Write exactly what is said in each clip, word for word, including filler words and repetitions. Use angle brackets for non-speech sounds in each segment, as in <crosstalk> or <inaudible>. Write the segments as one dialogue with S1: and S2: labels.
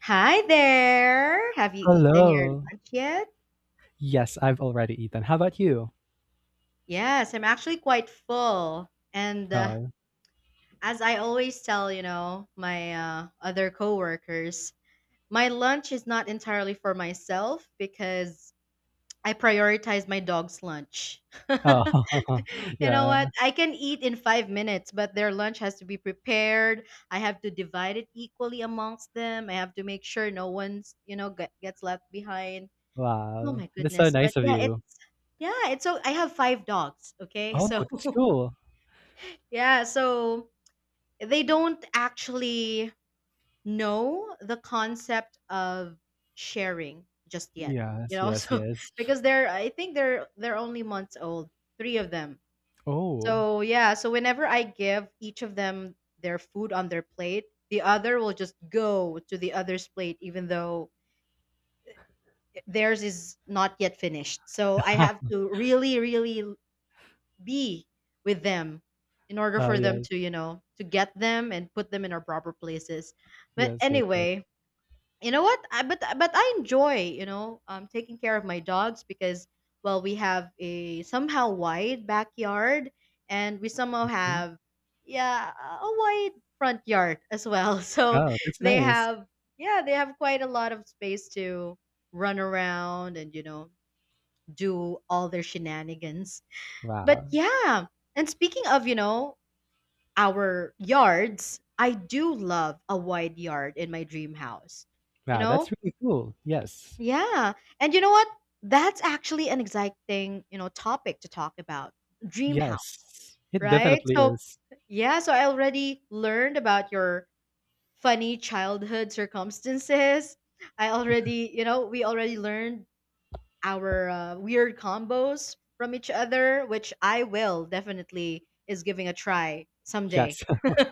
S1: Hi there. Have you eaten your
S2: Hello.
S1: lunch yet?
S2: Yes, I've already eaten. How about you?
S1: Yes, I'm actually quite full. And uh,
S2: Oh.
S1: as I always tell, you know, my uh, other coworkers, my lunch is not entirely for myself because I prioritize my dog's lunch. <laughs>
S2: Oh, <laughs>
S1: You know what?
S2: yeah.
S1: I can eat in five minutes, but their lunch has to be prepared. I have to divide it equally amongst them. I have to make sure no one's, you know, get, gets left behind. Oh
S2: Wow.
S1: my
S2: That's so
S1: goodness. But
S2: nice of
S1: yeah,
S2: you.
S1: it's yeah, it's so I have five dogs, okay?
S2: Oh,
S1: So
S2: that's
S1: <laughs>
S2: cool.
S1: yeah, so they don't actually know the concept of sharing just yet. You
S2: Yes,
S1: know, <laughs>
S2: yes,
S1: so
S2: yes.
S1: because they're I think they're they're only months old, three of them.
S2: Oh.
S1: So yeah, so whenever I give each of them their food on their plate, the other will just go to the other's plate even though theirs is not yet finished. So I have
S2: <laughs>
S1: to really, really be with them in order
S2: Oh,
S1: for them
S2: yes.
S1: to, you know, to get them and put them in our proper places. But
S2: Yes, yes, yes.
S1: anyway, you know what? I, but but I enjoy, you know, um, taking care of my dogs because well, we have a somehow wide backyard and we somehow
S2: Mm.
S1: have yeah a wide front yard as well. <laughs> So
S2: Oh, that's
S1: they
S2: nice.
S1: have yeah they have quite a lot of space to run around and you know do all their shenanigans but
S2: Wow.
S1: yeah, and speaking of, you know, our yards, I do love a wide yard in my dream house. You
S2: Wow,
S1: know?
S2: that's really cool. Yes.
S1: Yeah. And you know what? That's actually an exciting, you know, topic to talk about. Dream house,
S2: Yes. It
S1: right?
S2: definitely
S1: So,
S2: is.
S1: yeah, so I already learned about your funny childhood circumstances. I already, you know, we already learned our uh, weird combos from each other, which I will definitely is giving a try
S2: Yes.
S1: someday.
S2: <laughs>
S1: <laughs> So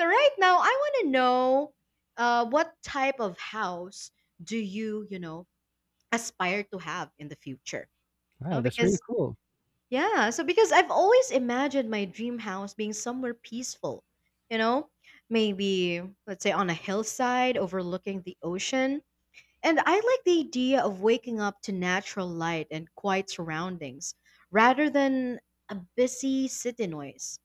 S1: right now, I want to know uh, what type of house do you, you know, aspire to have in the future?
S2: Wow,
S1: No,
S2: that's really
S1: because
S2: cool.
S1: yeah, so because I've always imagined my dream house being somewhere peaceful, you know, maybe let's say on a hillside overlooking the ocean and I like the idea of waking up to natural light and quiet surroundings rather than a busy city noise.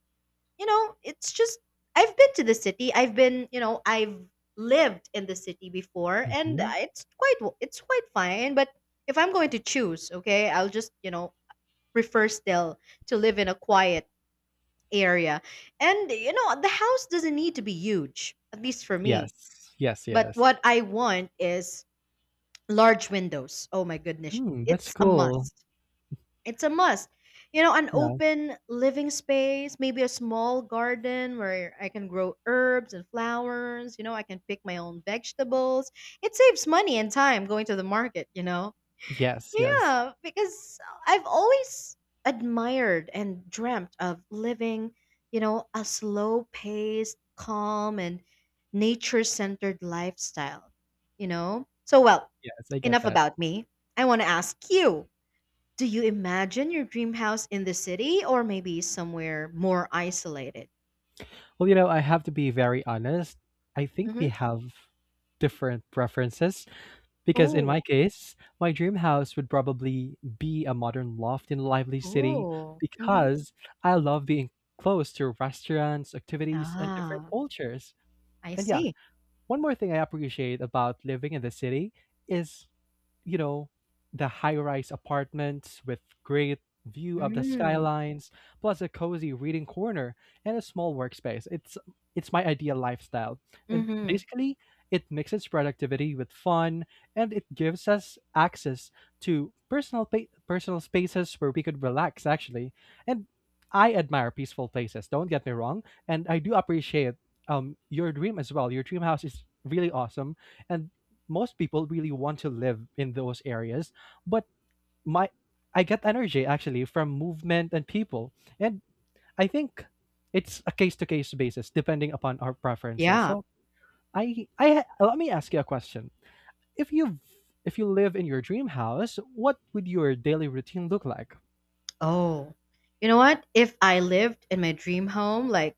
S1: You know, it's just, I've been to the city. I've been, you know, I've lived in the city before and uh,
S2: Mhm.
S1: it's quite, it's quite fine. But if I'm going to choose, okay, I'll just, you know, prefer still to live in a quiet area. And, you know, the house doesn't need to be huge, at least for me.
S2: Yes. Yes,
S1: But
S2: yes.
S1: what I want is large windows. Oh my goodness.
S2: Hmm, that's
S1: It's a
S2: cool.
S1: must. It's a must. You know, an
S2: Yeah.
S1: open living space, maybe a small garden where I can grow herbs and flowers. You know, I can pick my own vegetables. It saves money and time going to the market, you know.
S2: Yes, yes.
S1: Yeah, because I've always admired and dreamt of living, you know, a slow-paced, calm, and nature-centered lifestyle, you know? So, well,
S2: Yes, I get
S1: enough
S2: that.
S1: about me. I want to ask you, do you imagine your dream house in the city or maybe somewhere more isolated?
S2: Well, you know, I have to be very honest. I think we
S1: Mm-hmm.
S2: have different preferences because, in
S1: Oh,
S2: my case, my dream house would probably be a modern loft in a lively city
S1: oh. Mm-hmm.
S2: because I love being close to restaurants, activities, and different
S1: Ah,
S2: cultures.
S1: I
S2: And yeah,
S1: see.
S2: one more thing I appreciate about living in the city is you know, the high-rise apartments with great view of the
S1: Mm,
S2: skylines, plus a cozy reading corner and a small workspace. It's it's my ideal lifestyle. And
S1: mm-hmm.
S2: basically, it mixes productivity with fun and it gives us access to personal pa- personal spaces where we could relax actually. And I admire peaceful places, don't get me wrong, and I do appreciate um your dream as well. Your dream house is really awesome and most people really want to live in those areas, but my I get energy actually from movement and people, and I think it's a case to case basis depending upon our preferences,
S1: Yeah.
S2: so I I let me ask you a question. If you if you live in your dream house, what would your daily routine look like?
S1: Oh, you know what? If I lived in my dream home, like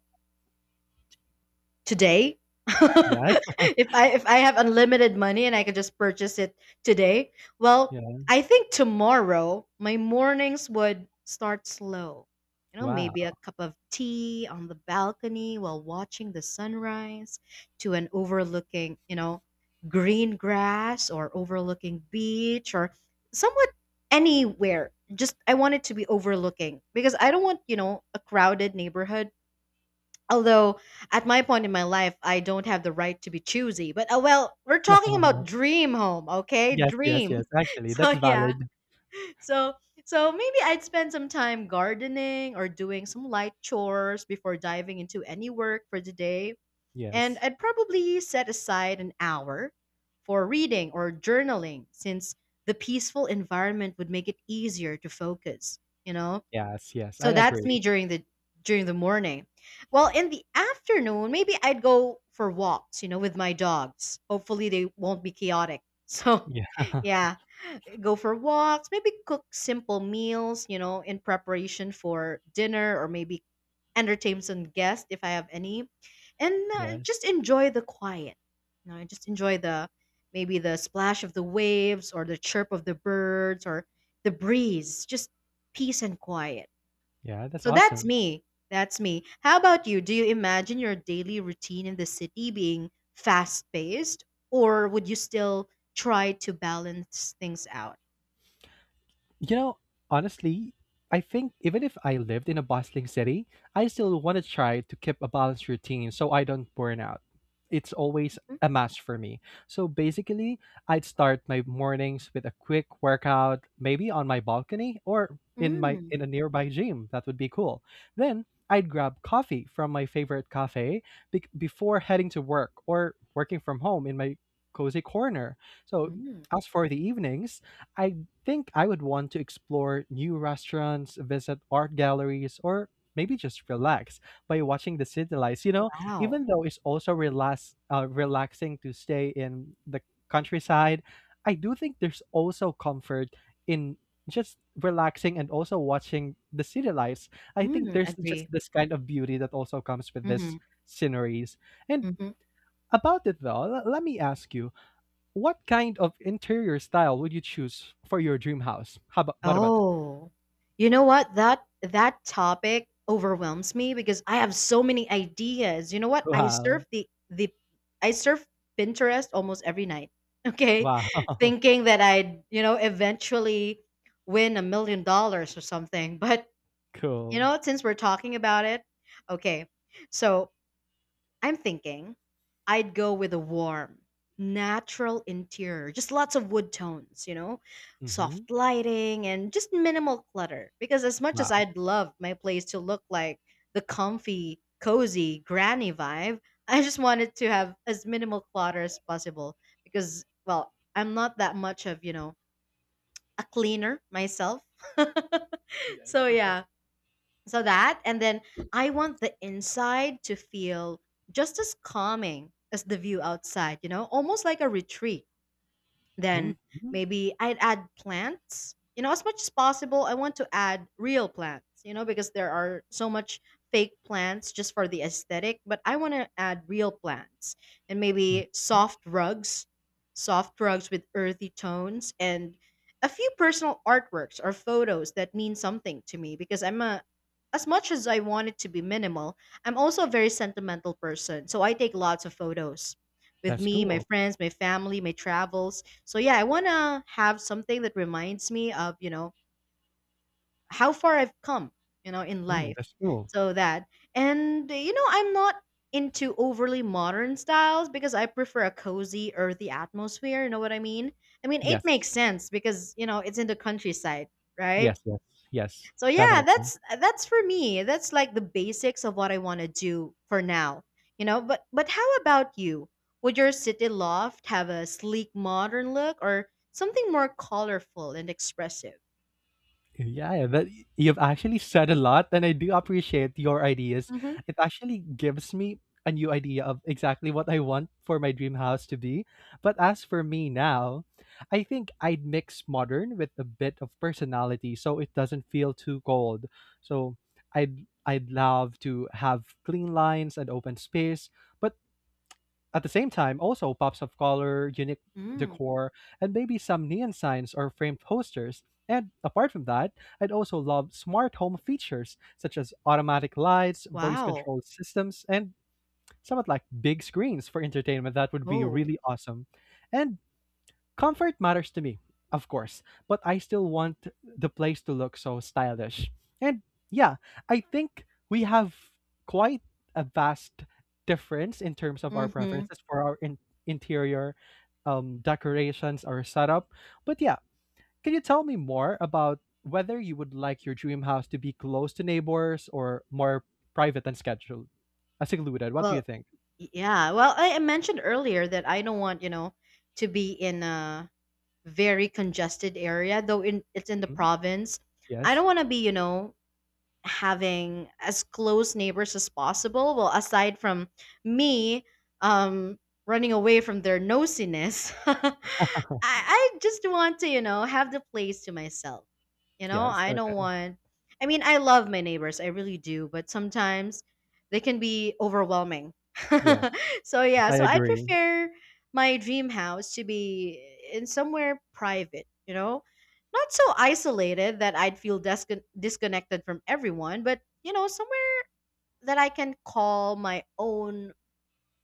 S1: today <laughs>
S2: Yes.
S1: if
S2: <laughs>
S1: i if i have unlimited money and I could just purchase it today well
S2: Yeah.
S1: I think tomorrow my mornings would start slow you know maybe a
S2: Wow.
S1: cup of tea on the balcony while watching the sunrise to an overlooking you know green grass or overlooking beach or somewhat anywhere just I want it to be overlooking because I don't want you know a crowded neighborhood. Although at my point in my life, I don't have the right to be choosy. But uh, well, we're talking about
S2: <laughs>
S1: dream home, okay?
S2: Yes, yes, yes,
S1: Dream. <laughs>
S2: actually
S1: So
S2: that's
S1: yeah.
S2: valid.
S1: So so maybe I'd spend some time gardening or doing some light chores before diving into any work for the day. And
S2: Yes,
S1: I'd probably set aside an hour for reading or journaling since the peaceful environment would make it easier to focus, you know?
S2: yes, yes, I
S1: So that's
S2: agree.
S1: me during the during the morning. Well, in the afternoon, maybe I'd go for walks, you know, with my dogs. Hopefully they won't be chaotic. <laughs> So,
S2: Yeah. <laughs>
S1: yeah, go for walks, maybe cook simple meals, you know, in preparation for dinner or maybe entertain some guests if I have any. And uh,
S2: Yes.
S1: just enjoy the quiet. You know, and just enjoy the maybe the splash of the waves or the chirp of the birds or the breeze. Just peace and quiet.
S2: Yeah, that's
S1: So that's
S2: awesome.
S1: me. That's me. How about you? Do you imagine your daily routine in the city being fast paced, or would you still try to balance things out?
S2: You know, honestly, I think even if I lived in a bustling city, I still want to try to keep a balanced routine so I don't burn out. It's always
S1: Mm,
S2: a must for me. So basically, I'd start my mornings with a quick workout, maybe on my balcony or in my
S1: mm,
S2: in a nearby gym. That would be cool. Then I'd grab coffee from my favorite cafe be- before heading to work or working from home in my cozy corner. So
S1: mm.
S2: as for the evenings, I think I would want to explore new restaurants, visit art galleries, or maybe just relax by watching the city lights. You know,
S1: Wow.
S2: even though it's also relax, uh, relaxing to stay in the countryside, I do think there's also comfort in just relaxing and also watching the city lights. I think
S1: Mm,
S2: there's just
S1: agree.
S2: this kind of beauty that also comes with
S1: Mm-hmm,
S2: these sceneries. And
S1: mm-hmm.
S2: about it though, l- let me ask you, what kind of interior style would you choose for your dream house? How about What about that?
S1: Oh, you know what? That that topic overwhelms me because I have so many ideas. You know what? I
S2: Wow.
S1: surf the the I surf Pinterest almost every night. Okay,
S2: Wow.
S1: <laughs>
S2: <laughs>
S1: thinking that I'd you know eventually win a million dollars or something. But you
S2: Cool.
S1: know, since we're talking about it, okay. So I'm thinking I'd go with a warm, natural interior, just lots of wood tones, you know,
S2: Hmm.
S1: soft lighting and just minimal clutter. Because as much as
S2: Wow.
S1: I'd love my place to look like the comfy, cozy granny vibe, I just wanted to have as minimal clutter as possible because, well, I'm not that much of, you know, a cleaner myself. <laughs>
S2: Yes.
S1: So yeah, so that, and then I want the inside to feel just as calming as the view outside, you know, almost like a retreat.
S2: Mhm.
S1: Then maybe I'd add plants. You know, as much as possible, I want to add real plants, you know, because there are so much fake plants just for the aesthetic, but I want to add real plants and maybe
S2: Mhm.
S1: soft rugs, soft rugs with earthy tones and a few personal artworks or photos that mean something to me because I'm a as much as I want it to be minimal, I'm also a very sentimental person. So I take lots of photos with
S2: That's
S1: me, my
S2: cool.
S1: friends, my family, my travels. So yeah, I want to have something that reminds me of, you know, how far I've come, you know, in
S2: Mm,
S1: life.
S2: that's cool.
S1: So that and you know, I'm not into overly modern styles because I prefer a cozy earthy atmosphere, you know what I mean? I mean, it
S2: Yes.
S1: makes sense because, you know, it's in the countryside, right?
S2: Yes. Yes. Yes.
S1: So yeah,
S2: Definitely.
S1: that's uh, that's for me. That's like the basics of what I want to do for now. You know, but but how about you? Would your city loft have a sleek modern look or something more colorful and expressive?
S2: Yeah, yeah, that you've actually said a lot, and I do appreciate your ideas.
S1: Mhm.
S2: It actually gives me a new idea of exactly what I want for my dream house to be. But as for me now, I think I'd mix modern with a bit of personality so it doesn't feel too cold. So I'd I'd love to have clean lines and open space, but at the same time, also pops of color, unique
S1: Mm.
S2: decor, and maybe some neon signs or framed posters. And apart from that, I'd also love smart home features such as automatic lights, voice
S1: Wow.
S2: controlled systems, and somewhat like big screens for entertainment. That would be
S1: Oh.
S2: really awesome. And comfort matters to me, of course, but I still want the place to look so stylish. And yeah, I think we have quite a vast difference in terms of our
S1: Mhm.
S2: preferences for our in- interior um, decorations or setup. But yeah, can you tell me more about whether you would like your dream house to be close to neighbors or more private and scheduled? Uh, secluded. What do you
S1: Well,
S2: think?
S1: yeah. Well, I, I mentioned earlier that I don't want, you know, to be in a very congested area though in it's in the
S2: Hmm?
S1: province. I
S2: Yes.
S1: don't want to be, you know, having as close neighbors as possible. Well, aside from me um, running away from their nosiness, <laughs> I,
S2: <laughs>
S1: I just want to, you know, have the place to myself. You know,
S2: Yes.
S1: I don't
S2: Okay.
S1: want, I mean, I love my neighbors, I really do, but sometimes they can be overwhelming. <laughs>
S2: Yes.
S1: So, yeah,
S2: I
S1: so I
S2: agree.
S1: prefer my dream house to be in somewhere private, you know? Not so isolated that I'd feel discon disconnected from everyone, but you know, somewhere that I can call my own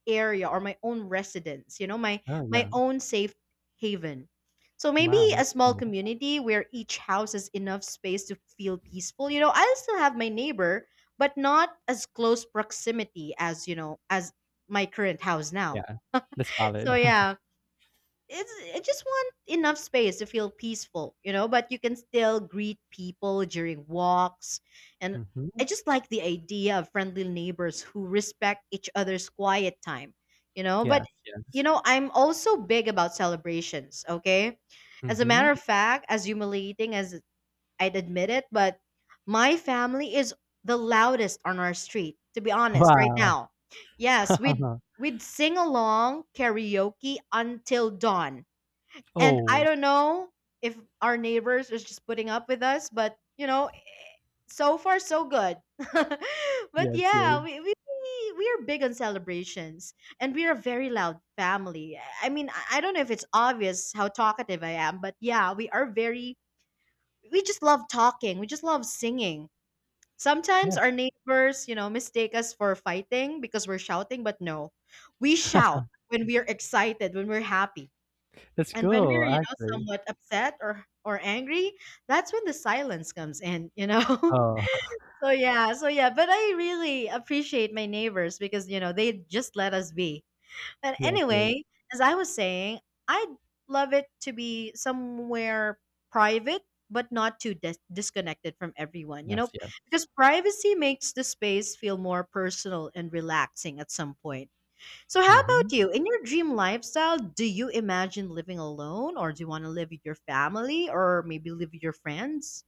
S1: area or my own residence, you know, my
S2: Oh,
S1: my
S2: yeah.
S1: own safe haven. So maybe
S2: Wow,
S1: a
S2: that's
S1: small
S2: cool.
S1: community where each house has enough space to feel peaceful. You know, I'll still have my neighbor, but not as close proximity as, you know, as my current house now.
S2: Yeah, that's
S1: <laughs>
S2: valid.
S1: So
S2: <laughs>
S1: yeah, it's I just want enough space to feel peaceful, you know, but you can still greet people during walks and I
S2: Mhm.
S1: just like the idea of friendly neighbors who respect each other's quiet time, you know, but
S2: Yes,
S1: you
S2: yes.
S1: know, I'm also big about celebrations, okay? As a matter
S2: Mhm.
S1: of fact, as humiliating as I'd admit it, but my family is the loudest on our street, to be honest, right
S2: Wow.
S1: now. Yes, we'd
S2: <laughs>
S1: we'd sing along karaoke until dawn and I
S2: Oh,
S1: don't know if our neighbors is just putting up with us, but you know, so far so good. <laughs> But
S2: yes,
S1: yeah,
S2: yes.
S1: we, we we are big on celebrations and we are a very loud family. I mean, I I don't know if it's obvious how talkative I am, but yeah, we are very we just love talking. We just love singing. Sometimes
S2: Yeah,
S1: our neighbors, you know, mistake us for fighting because we're shouting, but no. We shout when we are excited, when we're happy.
S2: that's
S1: And when
S2: cool,
S1: we're, you know,
S2: actually.
S1: somewhat upset or or angry, that's when the silence comes in, you know.
S2: Oh, <laughs>
S1: <laughs> so yeah, so yeah, but I really appreciate my neighbors because, you know, they just let us be. But
S2: yes, yes.
S1: anyway, as I was saying, I'd love it to be somewhere private but not too dis- disconnected from everyone, you
S2: Yes,
S1: know,
S2: yes.
S1: because privacy makes the space feel more personal and relaxing at some point. So, how about
S2: Mhm.
S1: you? In your dream lifestyle, do you imagine living alone, or do you want to live with your family, or maybe live with your friends?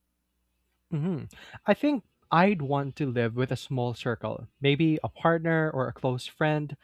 S2: Mhm. I think I'd want to live with a small circle, maybe a partner or a close friend,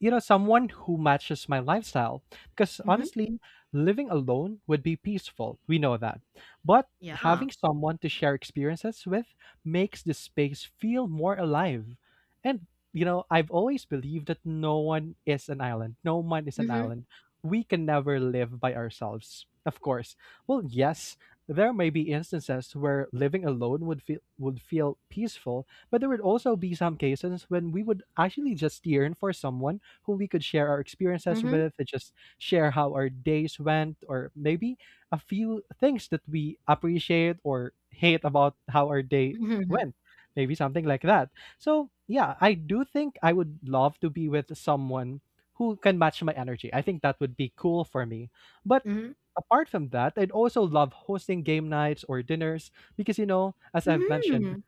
S2: you know someone who matches my lifestyle. Because
S1: Mm-hmm.
S2: honestly living alone would be peaceful, we know that, but
S1: Yeah.
S2: having someone to share experiences with makes the space feel more alive. And you know I've always believed that no one is an island, no one is an
S1: Mm-hmm.
S2: island. We can never live by ourselves, of course. Well, yes, there may be instances where living alone would feel would feel peaceful, but there would also be some cases when we would actually just yearn for someone who we could share our experiences
S1: Mm-hmm.
S2: with, and just share how our days went, or maybe a few things that we appreciate or hate about how our day
S1: Mm-hmm.
S2: went. Maybe something like that. So, yeah, I do think I would love to be with someone who can match my energy. I think that would be cool for me. But
S1: Mm-hmm.
S2: apart from that, I'd also love hosting game nights or dinners because, you know, as I've mentioned,
S1: Mm-hmm.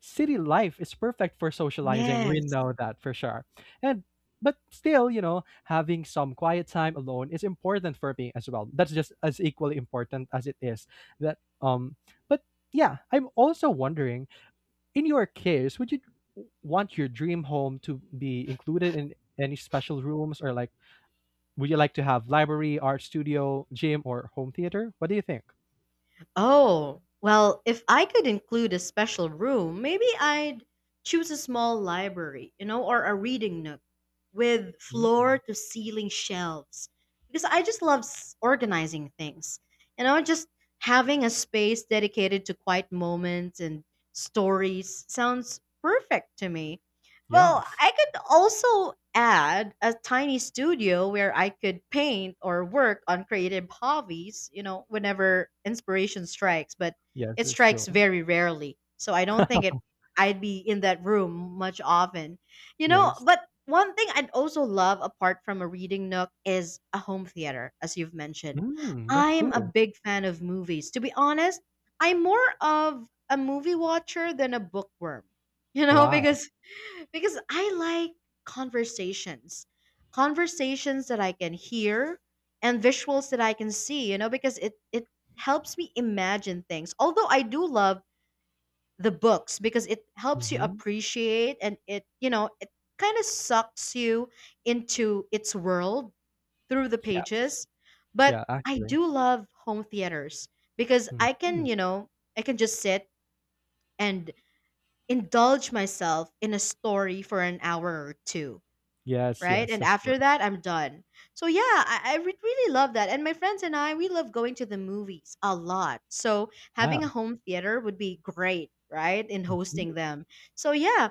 S2: city life is perfect for socializing. We
S1: Yes.
S2: know that for sure. And but still, you know, having some quiet time alone is important for me as well. That's just as equally important as it is that um but yeah, I'm also wondering, in your case, would you want your dream home to be included in any special rooms? Or like, would you like to have library, art studio, gym or home theater? What do you think?
S1: Oh, well, if I could include a special room, maybe I'd choose a small library, you know, or a reading nook with floor
S2: Mm,
S1: to ceiling shelves because I just love s- organizing things. You know, just having a space dedicated to quiet moments and stories sounds perfect to me. Well,
S2: yes.
S1: I could also add a tiny studio where I could paint or work on creative hobbies, you know, whenever inspiration strikes, but
S2: Yes,
S1: it
S2: it's
S1: strikes
S2: cool.
S1: very rarely. So I don't think it I'd be in that room much often. You know,
S2: Yes.
S1: but one thing I'd also love apart from a reading nook is a home theater, as you've mentioned.
S2: Mm, that's
S1: I'm a
S2: cool.
S1: big fan of movies. To be honest, I'm more of a movie watcher than a bookworm. <laughs> You know,
S2: Wow.
S1: because because I like conversations, conversations that I can hear and visuals that I can see, you know, because it, it helps me imagine things. Although I do love the books because it helps you
S2: Mhm.
S1: appreciate and it, you know, it kind of sucks you into its world through the
S2: Yes.
S1: pages. But
S2: Yeah,
S1: I
S2: actually.
S1: do love home theaters because I can,
S2: Mhm.
S1: you know, I can just sit and indulge myself in a story for an hour or two,
S2: Yes,
S1: right?
S2: yes,
S1: And
S2: of course.
S1: after that, I'm done. So yeah, I, I re- really love that. And my friends and I, we love going to the movies a lot. So having a
S2: Wow.
S1: home theater would be great, right? In
S2: Mhm.
S1: hosting them. So yeah,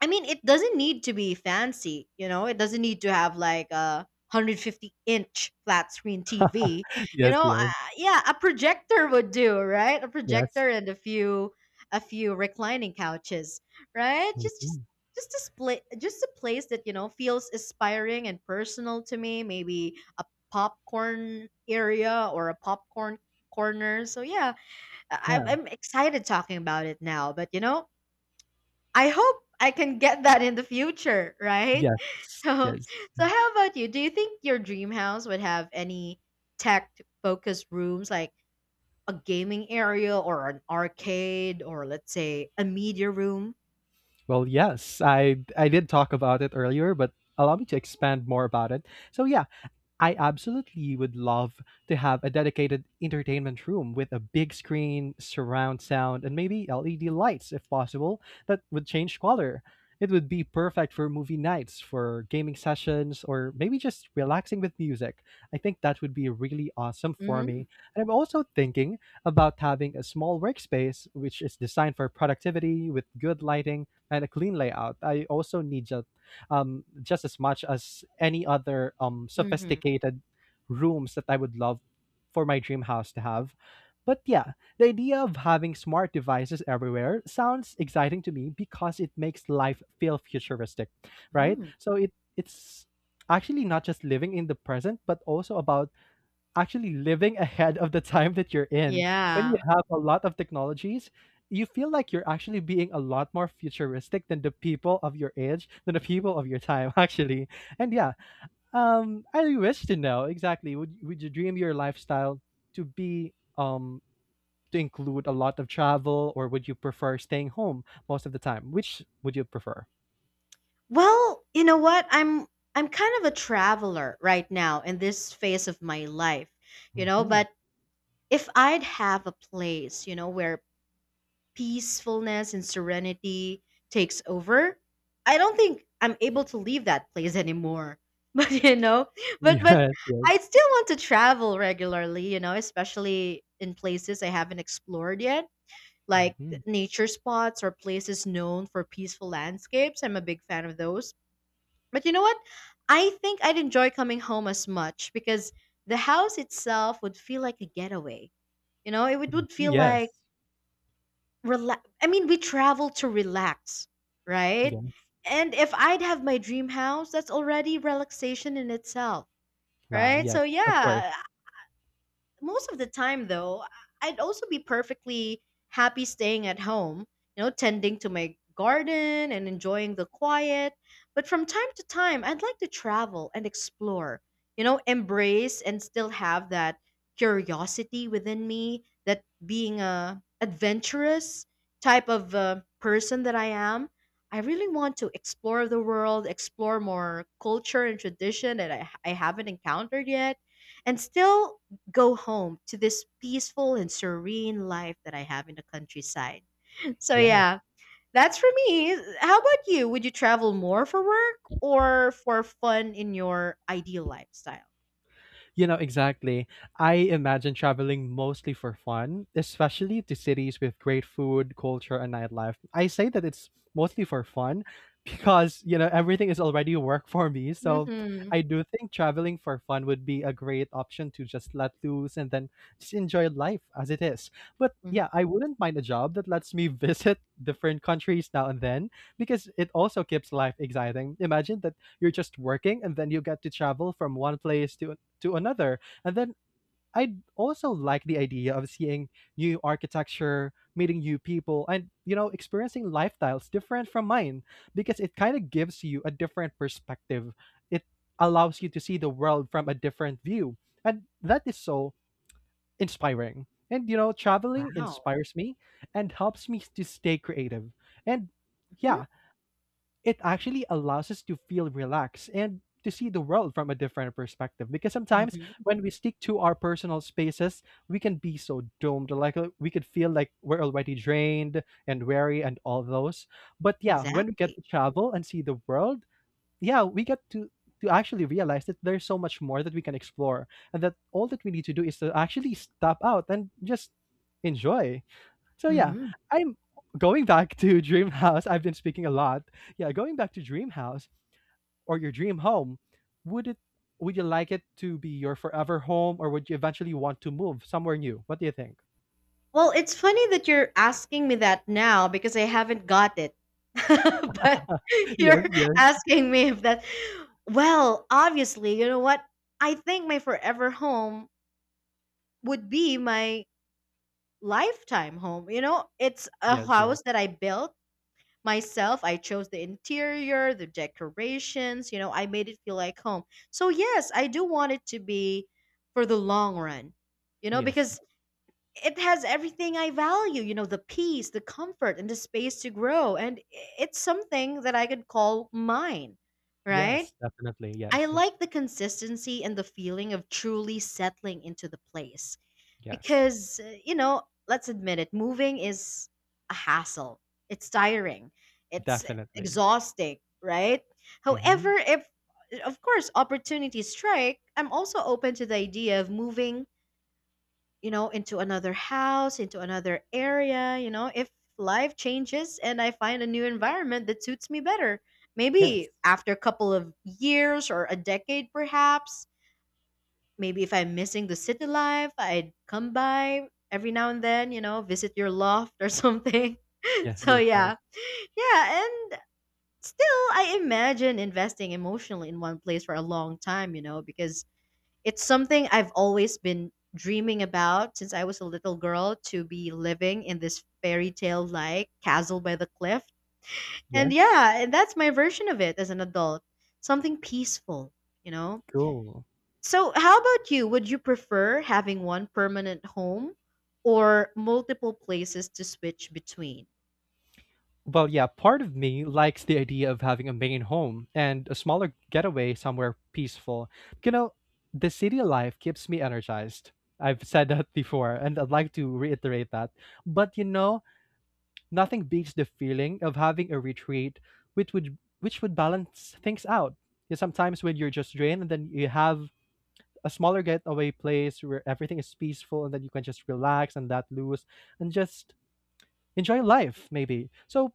S1: I mean, it doesn't need to be fancy, you know. It doesn't need to have like a one hundred fifty inch flat screen T V,
S2: <laughs>
S1: you
S2: Yes,
S1: know. Uh,
S2: yes,
S1: yeah, a projector would do, right? A
S2: yes.
S1: projector and a few a few reclining couches, right? Just just
S2: Mhm.
S1: just a split, just a place that, you know, feels inspiring and personal to me. Maybe a popcorn area or a popcorn corner. So yeah, I,
S2: Yeah.
S1: I'm excited talking about it now. But you know, I hope I can get that in the future, right? <laughs>
S2: Yes,
S1: So,
S2: yes.
S1: so how about you? Do you think your dream house would have any tech focused rooms like a gaming area or an arcade or, let's say, a media room?
S2: Well, yes, I I did talk about it earlier, but allow me to expand more about it. So yeah, I absolutely would love to have a dedicated entertainment room with a big screen, surround sound, and maybe L E D lights if possible that would change color. It would be perfect for movie nights, for gaming sessions, or maybe just relaxing with music. I think that would be really awesome for
S1: Mhm.
S2: me. And I'm also thinking about having a small workspace which is designed for productivity with good lighting and a clean layout. I also need just um, just as much as any other um,
S1: Mhm.
S2: sophisticated rooms that I would love for my dream house to have. But yeah, the idea of having smart devices everywhere sounds exciting to me because it makes life feel futuristic, right?
S1: Mm.
S2: So it it's actually not just living in the present, but also about actually living ahead of the time that you're in. When you
S1: Yeah.
S2: have a lot of technologies, you feel like you're actually being a lot more futuristic than the people of your age, than the people of your time, <laughs> actually. And yeah, um, I wish to know exactly, would would you dream your lifestyle to be um to include a lot of travel, or would you prefer staying home most of the time? Which would you prefer?
S1: Well, you know what? I'm I'm kind of a traveler right now in this phase of my life, you know,
S2: Hmm.
S1: but if I'd have a place, you know, where peacefulness and serenity takes over, I don't think I'm able to leave that place anymore. <laughs> But you know,
S2: <laughs>
S1: but but
S2: Yes,
S1: I
S2: yes.
S1: still want to travel regularly, you know, especially in places I haven't explored yet, like
S2: Hmm.
S1: nature spots or places known for peaceful landscapes. I'm a big fan of those. But you know what, I think I'd enjoy coming home as much because the house itself would feel like a getaway. You know, it would would feel like,
S2: Yes.
S1: relax. I mean, we travel to relax, right?
S2: Yes.
S1: And if I'd have my dream house, that's already relaxation in itself,
S2: Wow.
S1: right? So
S2: Yes. Of course.
S1: yeah, most of the time though, I- would also be perfectly happy staying at home, you know, tending to my garden and enjoying the quiet. But from time to time, I'd like to travel and explore, you know, embrace and still have that curiosity within me, that being a adventurous type of uh, person that I am. I really want to explore the world, explore more culture and tradition that I, I haven't encountered yet, and still go home to this peaceful and serene life that I have in the countryside. <laughs> So
S2: Yes.
S1: yeah, that's for me. How about you? Would you travel more for work or for fun in your ideal lifestyle?
S2: You know, exactly. I imagine traveling mostly for fun, especially to cities with great food, culture, and nightlife. I say that it's mostly for fun <laughs> because, you know, everything is already work for me. So
S1: Mm-hmm.
S2: I do think traveling for fun would be a great option to just let loose and then just enjoy life as it is. But
S1: Hmm.
S2: yeah, I wouldn't mind a job that lets me <laughs> visit different countries now and then because it also keeps life exciting. Imagine that you're just working and then you get to travel from one place to to another. And then I also like the idea of seeing new architecture, meeting new people, and you know, experiencing lifestyles different from mine because it kind of gives you a different perspective. It allows you to see the world from a different view, and that is so inspiring. And you know, traveling
S1: Wow.
S2: inspires me and helps me to stay creative. And
S1: Hmm.
S2: yeah, it actually allows us to feel relaxed and to see the world from a different perspective because sometimes
S1: Hmm.
S2: when we stick to our personal spaces we can be so doomed, like uh, we could feel like we're already drained and weary and all those. But yeah, when we get
S1: Exactly.
S2: to travel and see the world, yeah, we get to to actually realize that there's so much more that we can explore, and that all that we need to do is to actually step out and just enjoy. So yeah,
S1: Hmm.
S2: I'm going back to <laughs> dream house. I've been speaking a lot. Yeah, going back to dream house or your dream home, would it would you like it to be your forever home, or would you eventually want to move somewhere new? What do you think?
S1: Well, it's funny that you're asking me that now because I haven't got it. <laughs> But
S2: <laughs>
S1: <laughs> you're
S2: Yes, yes,
S1: asking me if that. Well, obviously, you know what? I think my forever home would be my lifetime home. You know, it's a
S2: yes, yes,
S1: house that I built myself. I chose the interior, the decorations, you know, I made it feel like home. So, yes, I do want it to be for the long run, you know,
S2: yes,
S1: because it has everything I value, you know, the peace, the comfort, and the space to grow. And it's something that I could call mine, right?
S2: yes, definitely,
S1: I
S2: yes,
S1: like the consistency and the feeling of truly settling into the place
S2: yes,
S1: because, uh, you know, let's admit it, moving is a hassle, it's tiring, it's
S2: definitely.
S1: exhausting, right?
S2: Mm-hmm.
S1: However, if of course opportunities strike, I'm also open to the idea of moving, you know, into another house, into another area, you know, if life changes and I find a new environment that suits me better, maybe
S2: Yes,
S1: after a couple of years or a decade perhaps. Maybe if I'm missing the city life, I'd come by every now and then, you know, visit your loft or <laughs> something.
S2: yes,
S1: So
S2: yes, yes,
S1: yeah. Yeah, and still I imagine investing emotionally in one place for a long time, you know, because it's something I've always been dreaming about since I was a little girl, to be living in this fairy tale like castle by the cliff. And
S2: yes.
S1: yeah, and that's my version of it as an adult. Something peaceful, you know?
S2: Cool.
S1: So, how about you? Would you prefer having one permanent home or multiple places to switch between?
S2: Well, yeah, part of me likes the idea of having a main home and a smaller getaway somewhere peaceful. You know, the city life keeps me energized. I've said that <laughs> before, and I'd like to reiterate that. But you know, nothing beats the feeling of having a retreat, which would which would balance things out. Yeah, sometimes when you're just drained, and then you have a smaller getaway place where everything is peaceful, and then you can just relax and that loose, and just enjoy life. Maybe so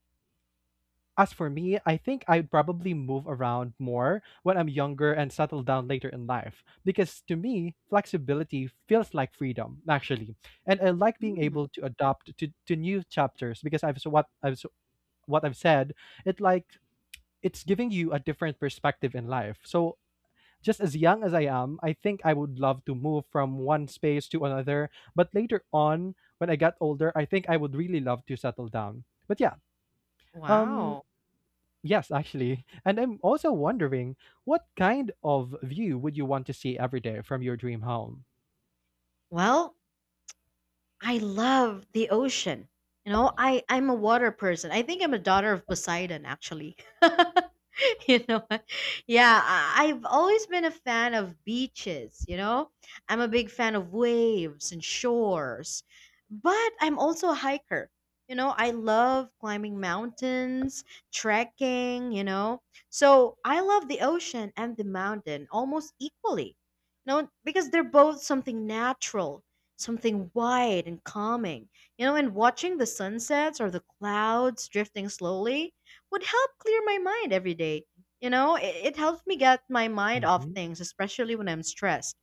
S2: as for me, I think I'd probably move around more when I'm younger and settle down later in life. Because to me, flexibility feels like freedom, actually. And I like being
S1: Hmm.
S2: able to adapt to, to new chapters because I've so what I've so what I've said, it like it's giving you a different perspective in life. So just as young as I am, I think I would love to move from one space to another. But later on, when I got older, I think I would really love to settle down. But yeah, um
S1: Wow.
S2: yes, actually. And I'm also wondering what kind of view would you want to see every day from your dream home?
S1: Well, I love the ocean. You know, I I'm a water person. I think I'm a daughter of Poseidon, actually. <laughs> You know, yeah, I, I've always been a fan of beaches. You know, I'm a big fan of waves and shores, but I'm also a hiker. You know, I love climbing mountains, trekking. You know, so I love the ocean and the mountain almost equally. You know, because they're both something natural, something wide and calming. You know, and watching the sunsets or the clouds drifting slowly would help clear my mind every day. You know, it, it helps me get my mind off
S2: hmm
S1: things, especially when I'm stressed.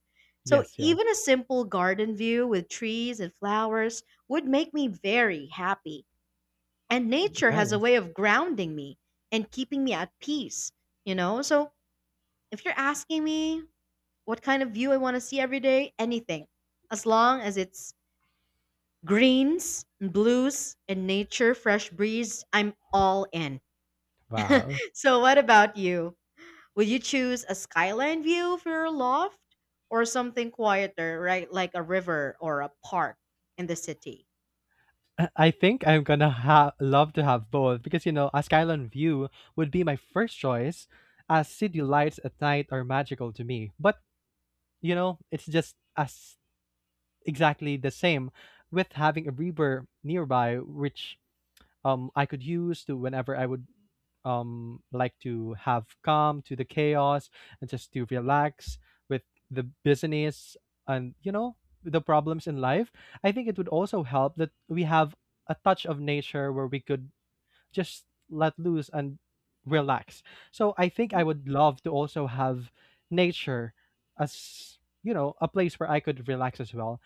S1: So,
S2: Yes, yes.
S1: even a simple garden view with trees and flowers would make me very happy. And nature has a
S2: Nice.
S1: way of grounding me and keeping me at peace, you know? So, if you're asking me what kind of view I want to see every day, anything, as long as it's greens, blues, and nature fresh breeze, I'm all in.
S2: Wow.
S1: So, what about you? Would you choose a skyline view for your loft, or something quieter, right? Like a river or a park in the city?
S2: I I think I'm gonna ha- love to have both because you know, a skyline view would be my first choice, as city lights at night are magical to me. But you know, it's just as exactly the same with having a river nearby, which um I could use to whenever I would um like to have calm to the chaos and just to relax with the business and you know the problems in life. I think it would also help that we have a touch of nature where we could just let loose and relax. So I think
S1: Mhm.
S2: I would love to also have nature as you know a place where I could relax as well.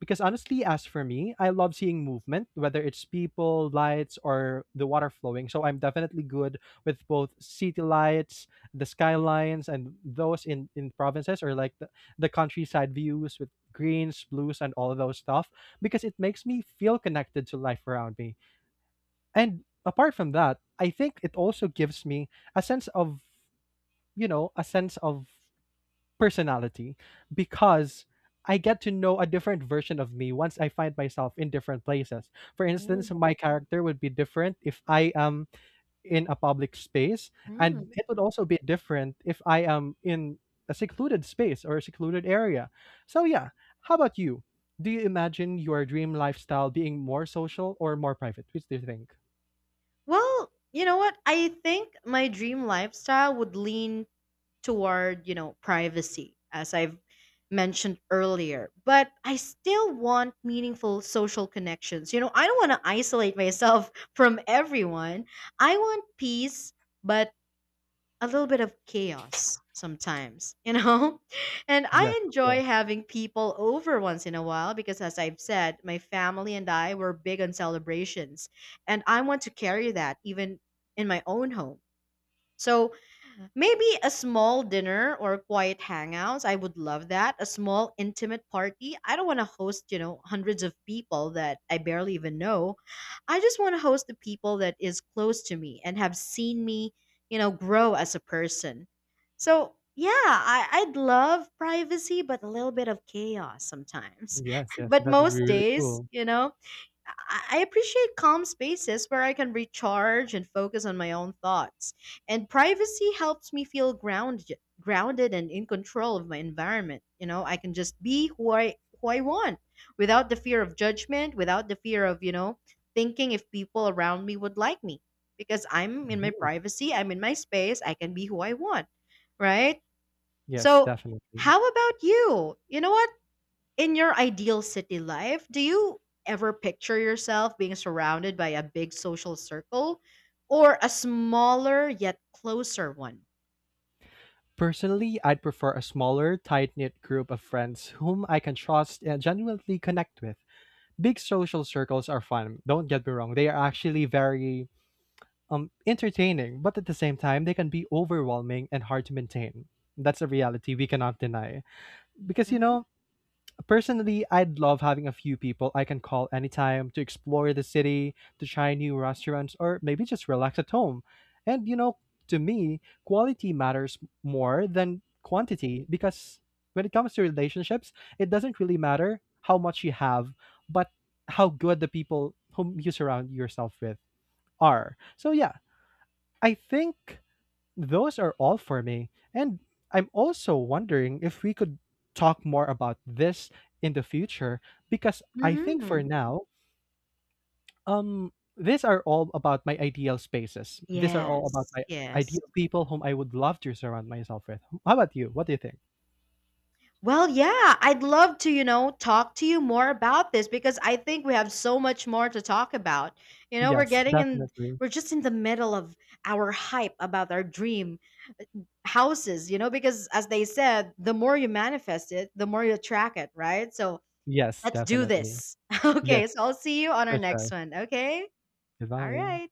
S2: Because honestly, as for me, I love seeing movement, whether it's people, lights, or the water flowing. So I'm definitely good with both city lights, the skylines, and those in, in provinces or like the, the countryside views with greens, blues, and all of those stuff, because it makes me feel connected to life around me. And apart from that, I think it also gives me a sense of, you know, a sense of personality because I get to know a different version of me once I find myself in different places. For instance, my character would be different if I am in a public space,
S1: Mm.
S2: and it would also be different if I am in a secluded space or a secluded area. So, yeah, how about you? Do you imagine your dream lifestyle being more social or more private? Which do you think?
S1: Well, you know what? I think my dream lifestyle would lean toward, you know privacy, as I've mentioned earlier, but I still want meaningful social connections, you know. I don't want to isolate myself <laughs> from everyone. I want peace, but a little bit of chaos sometimes, you know. <laughs> And
S2: Yes,
S1: I
S2: of
S1: enjoy
S2: course.
S1: having people over once in a while because, as I've said, my family and I were big on celebrations, and I want to carry that even in my own home. So maybe a small dinner or quiet hangouts. I would love that. A small intimate party. I don't want to host, you know, hundreds of people that I barely even know. I just want to host the people that is close to me and have seen me, you know, grow as a person. So, yeah, I, I'd love privacy, but a little bit of chaos sometimes.
S2: Yes,
S1: <laughs>
S2: yes,
S1: But
S2: that would be
S1: most
S2: really
S1: days,
S2: cool.
S1: you know, I I appreciate calm spaces where I can recharge and focus on my own thoughts. And privacy helps me feel grounded, grounded and in control of my environment. You know, I can just be who I who I want, without the fear of judgment, without the fear of, you know, thinking if people around me would like me, because I'm in my
S2: Mhm.
S1: privacy, I'm in my space, I can be who I want, right?
S2: Yes,
S1: So,
S2: definitely.
S1: how about you? You know what? In your ideal city life, do you ever picture yourself being surrounded by a big social circle or a smaller yet closer one?
S2: Personally, I'd prefer a smaller, tight knit group of friends whom I can trust and genuinely connect with. Big social circles are fun, don't get me wrong. They are actually very um, entertaining, but at the same time, they can be overwhelming and hard to maintain. That's a reality we cannot deny. Because, you
S1: Mhm.
S2: know, personally, I'd love having a few people I can call anytime to explore the city, to try new restaurants, or maybe just relax at home. And you know, to me, quality matters more than quantity because when it comes to relationships, it doesn't really matter how much you have, but how good the people whom you surround yourself with are. So, yeah, I think those are all for me. And I'm also wondering if we could talk more about this in the future because I think for
S1: Mhm.
S2: now, um, these are all about my ideal spaces. These are all about
S1: Yes.
S2: my
S1: Yes.
S2: ideal people whom I would love to surround myself with. How about you? What do you think?
S1: Well, yeah, I'd love to, you know, talk to you more about this because I think we have so much more to talk about. You know, we're
S2: Yes,
S1: getting in,
S2: definitely.
S1: we're just in the middle of our hype about our dream, uh, houses, you know, because as they said, the more you manifest it, the more you attract it, right? So
S2: Yes,
S1: let's do
S2: definitely.
S1: this. <laughs>
S2: Yes,
S1: Okay, so I'll see you on our
S2: for
S1: next
S2: sure.
S1: one. Okay. All
S2: Goodbye.
S1: right.